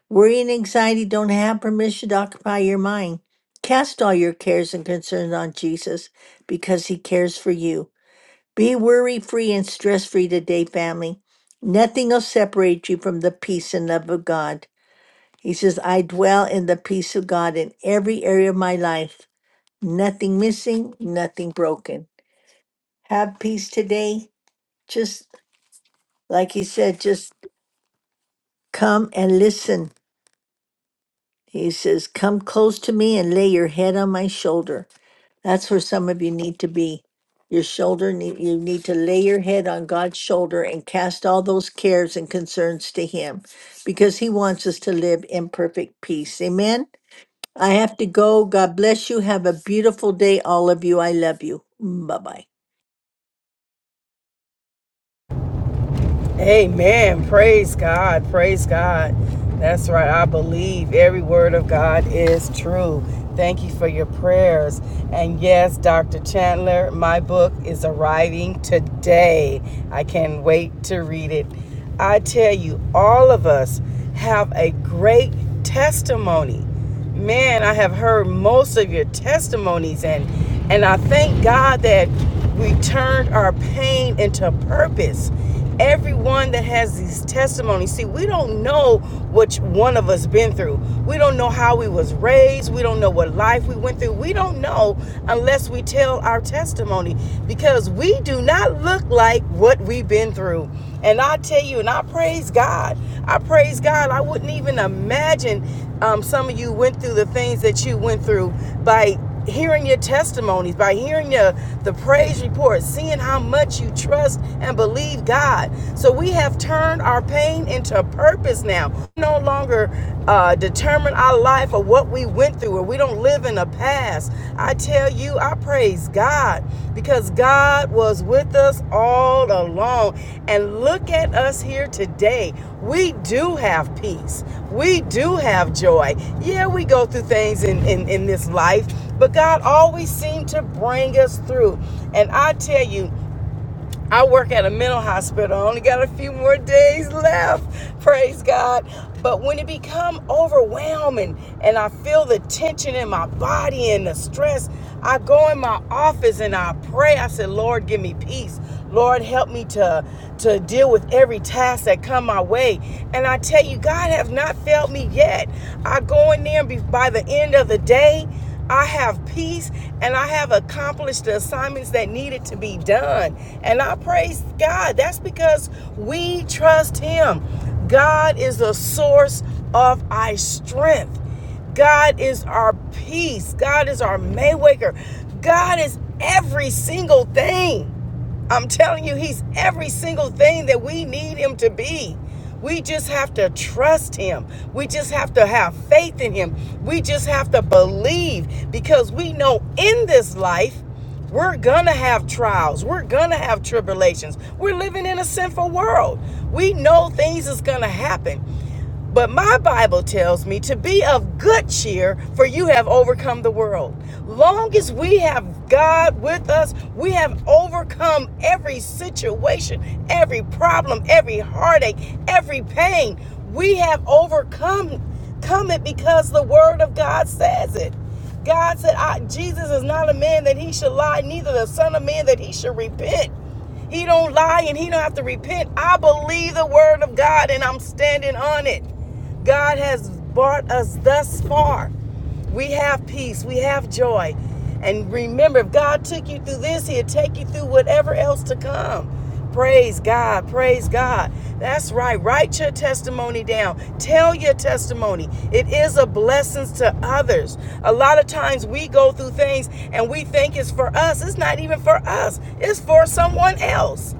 S6: Worry and anxiety don't have permission to occupy your mind. Cast all your cares and concerns on Jesus because he cares for you. Be worry free and stress free today, family. Nothing will separate you from the peace and love of God. He says, I dwell in the peace of God in every area of my life nothing missing, nothing broken. Have peace today. Just like he said, just come and listen. He says, Come close to me and lay your head on my shoulder. That's where some of you need to be. Your shoulder, need, you need to lay your head on God's shoulder and cast all those cares and concerns to Him because He wants us to live in perfect peace. Amen. I have to go. God bless you. Have a beautiful day, all of you. I love you. Bye bye.
S1: Amen. Praise God. Praise God. That's right. I believe every word of God is true. Thank you for your prayers. And yes, Dr. Chandler, my book is arriving today. I can't wait to read it. I tell you, all of us have a great testimony man, I have heard most of your testimonies and and I thank God that we turned our pain into purpose. Everyone that has these testimonies, see, we don't know which one of us been through. We don't know how we was raised. We don't know what life we went through. We don't know unless we tell our testimony because we do not look like what we've been through. And I tell you, and I praise God I praise God. I wouldn't even imagine um, some of you went through the things that you went through by hearing your testimonies, by hearing your the praise report, seeing how much you trust and believe God. So we have turned our pain into purpose now no longer uh, determine our life or what we went through, or we don't live in the past. I tell you, I praise God because God was with us all along. And look at us here today. We do have peace, we do have joy. Yeah, we go through things in, in, in this life, but God always seemed to bring us through. And I tell you, I work at a mental hospital. I only got a few more days left. Praise God. But when it become overwhelming and I feel the tension in my body and the stress, I go in my office and I pray. I said, Lord, give me peace. Lord, help me to, to deal with every task that come my way. And I tell you, God has not failed me yet. I go in there and be, by the end of the day, I have peace and I have accomplished the assignments that needed to be done. And I praise God. That's because we trust Him. God is the source of our strength. God is our peace. God is our Maywaker. God is every single thing. I'm telling you, he's every single thing that we need him to be. We just have to trust him. We just have to have faith in him. We just have to believe because we know in this life, we're going to have trials. We're going to have tribulations. We're living in a sinful world. We know things is going to happen. But my Bible tells me to be of good cheer, for you have overcome the world. Long as we have God with us, we have overcome every situation, every problem, every heartache, every pain. We have overcome come it because the word of God says it. God said, I, Jesus is not a man that he should lie, neither the son of man that he should repent. He don't lie and he don't have to repent. I believe the word of God and I'm standing on it. God has brought us thus far. We have peace, we have joy. And remember, if God took you through this, He'll take you through whatever else to come. Praise God, praise God. That's right. Write your testimony down. Tell your testimony. It is a blessing to others. A lot of times we go through things and we think it's for us. It's not even for us, it's for someone else.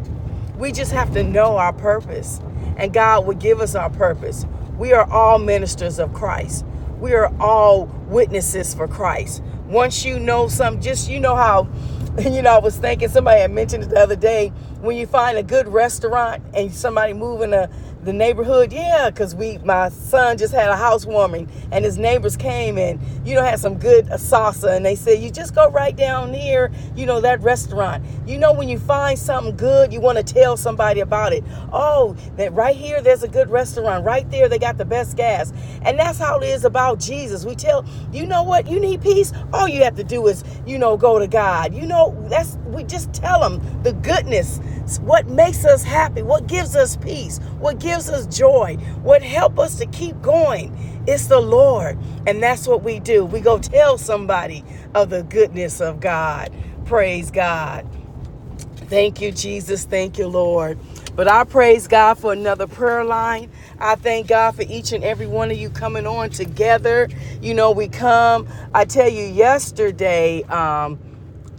S1: We just have to know our purpose, and God will give us our purpose. We are all ministers of Christ. We are all witnesses for Christ. Once you know some, just you know how, you know, I was thinking somebody had mentioned it the other day. When you find a good restaurant and somebody moving a the neighborhood yeah because we my son just had a housewarming and his neighbors came and you know had some good uh, salsa and they said you just go right down here you know that restaurant you know when you find something good you want to tell somebody about it oh that right here there's a good restaurant right there they got the best gas and that's how it is about jesus we tell you know what? You need peace. All you have to do is, you know, go to God. You know, that's we just tell them the goodness, what makes us happy, what gives us peace, what gives us joy, what helps us to keep going. It's the Lord, and that's what we do. We go tell somebody of the goodness of God. Praise God. Thank you, Jesus. Thank you, Lord. But I praise God for another prayer line. I thank God for each and every one of you coming on together. You know, we come. I tell you, yesterday, um,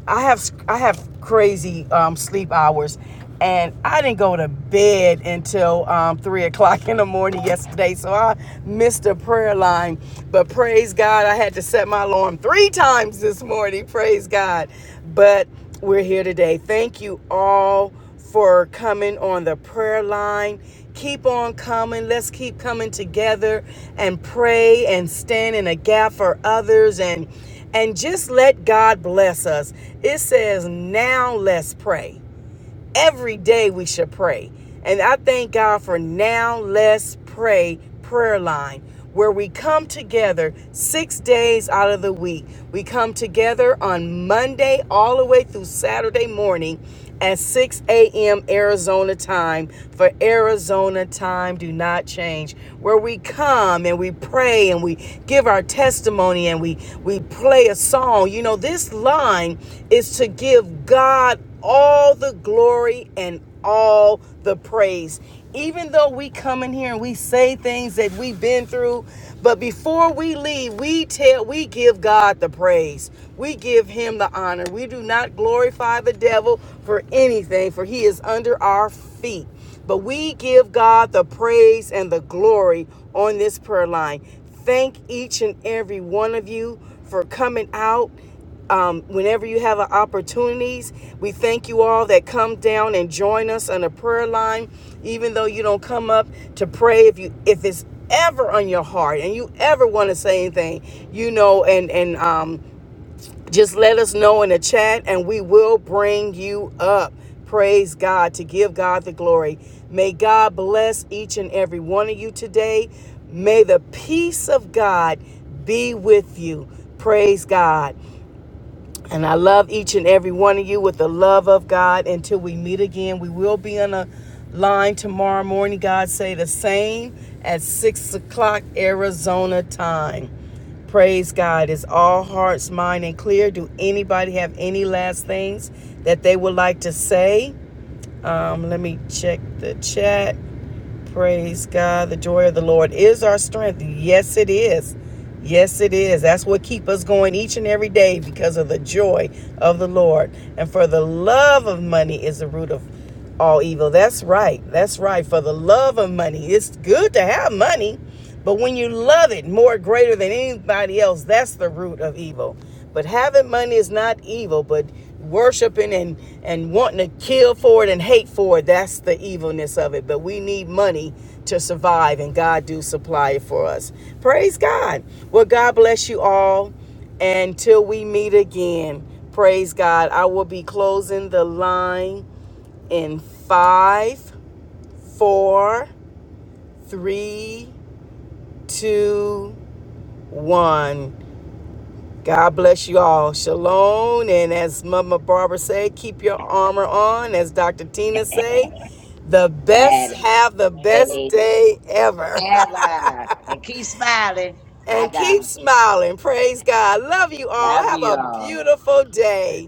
S1: I have I have crazy um, sleep hours, and I didn't go to bed until um, three o'clock in the morning yesterday. So I missed a prayer line, but praise God, I had to set my alarm three times this morning. Praise God, but we're here today. Thank you all for coming on the prayer line. Keep on coming. Let's keep coming together and pray and stand in a gap for others and and just let God bless us. It says, "Now let's pray." every day we should pray. And I thank God for Now Let's Pray prayer line, where we come together six days out of the week. We come together on Monday all the way through Saturday morning at 6 a.m. Arizona time for Arizona time do not change where we come and we pray and we give our testimony and we we play a song you know this line is to give God all the glory and all the praise. Even though we come in here and we say things that we've been through, but before we leave, we tell we give God the praise. We give him the honor. We do not glorify the devil for anything, for he is under our feet. But we give God the praise and the glory on this prayer line. Thank each and every one of you for coming out um, whenever you have opportunities we thank you all that come down and join us on a prayer line even though you don't come up to pray if you if it's ever on your heart and you ever want to say anything you know and and um, just let us know in the chat and we will bring you up praise god to give god the glory may god bless each and every one of you today may the peace of god be with you praise god and I love each and every one of you with the love of God. Until we meet again, we will be on a line tomorrow morning. God say the same at six o'clock Arizona time. Praise God. Is all hearts, mind, and clear? Do anybody have any last things that they would like to say? Um, let me check the chat. Praise God. The joy of the Lord is our strength. Yes, it is. Yes, it is. That's what keeps us going each and every day because of the joy of the Lord. And for the love of money is the root of all evil. That's right. That's right. For the love of money. It's good to have money. But when you love it more greater than anybody else, that's the root of evil. But having money is not evil, but worshiping and, and wanting to kill for it and hate for it, that's the evilness of it. But we need money to survive, and God do supply it for us. Praise God. Well, God bless you all. Until we meet again, praise God. I will be closing the line in five, four, three, two, one. God bless you all. Shalom. And as Mama Barbara said, keep your armor on. As Dr. Tina say, the best
S4: And
S1: have the best day ever.
S4: ever. And keep smiling. Hi,
S1: and keep
S4: God.
S1: smiling. Praise God. Love you all.
S4: Love
S1: Have
S4: you
S1: a
S4: all.
S1: beautiful day.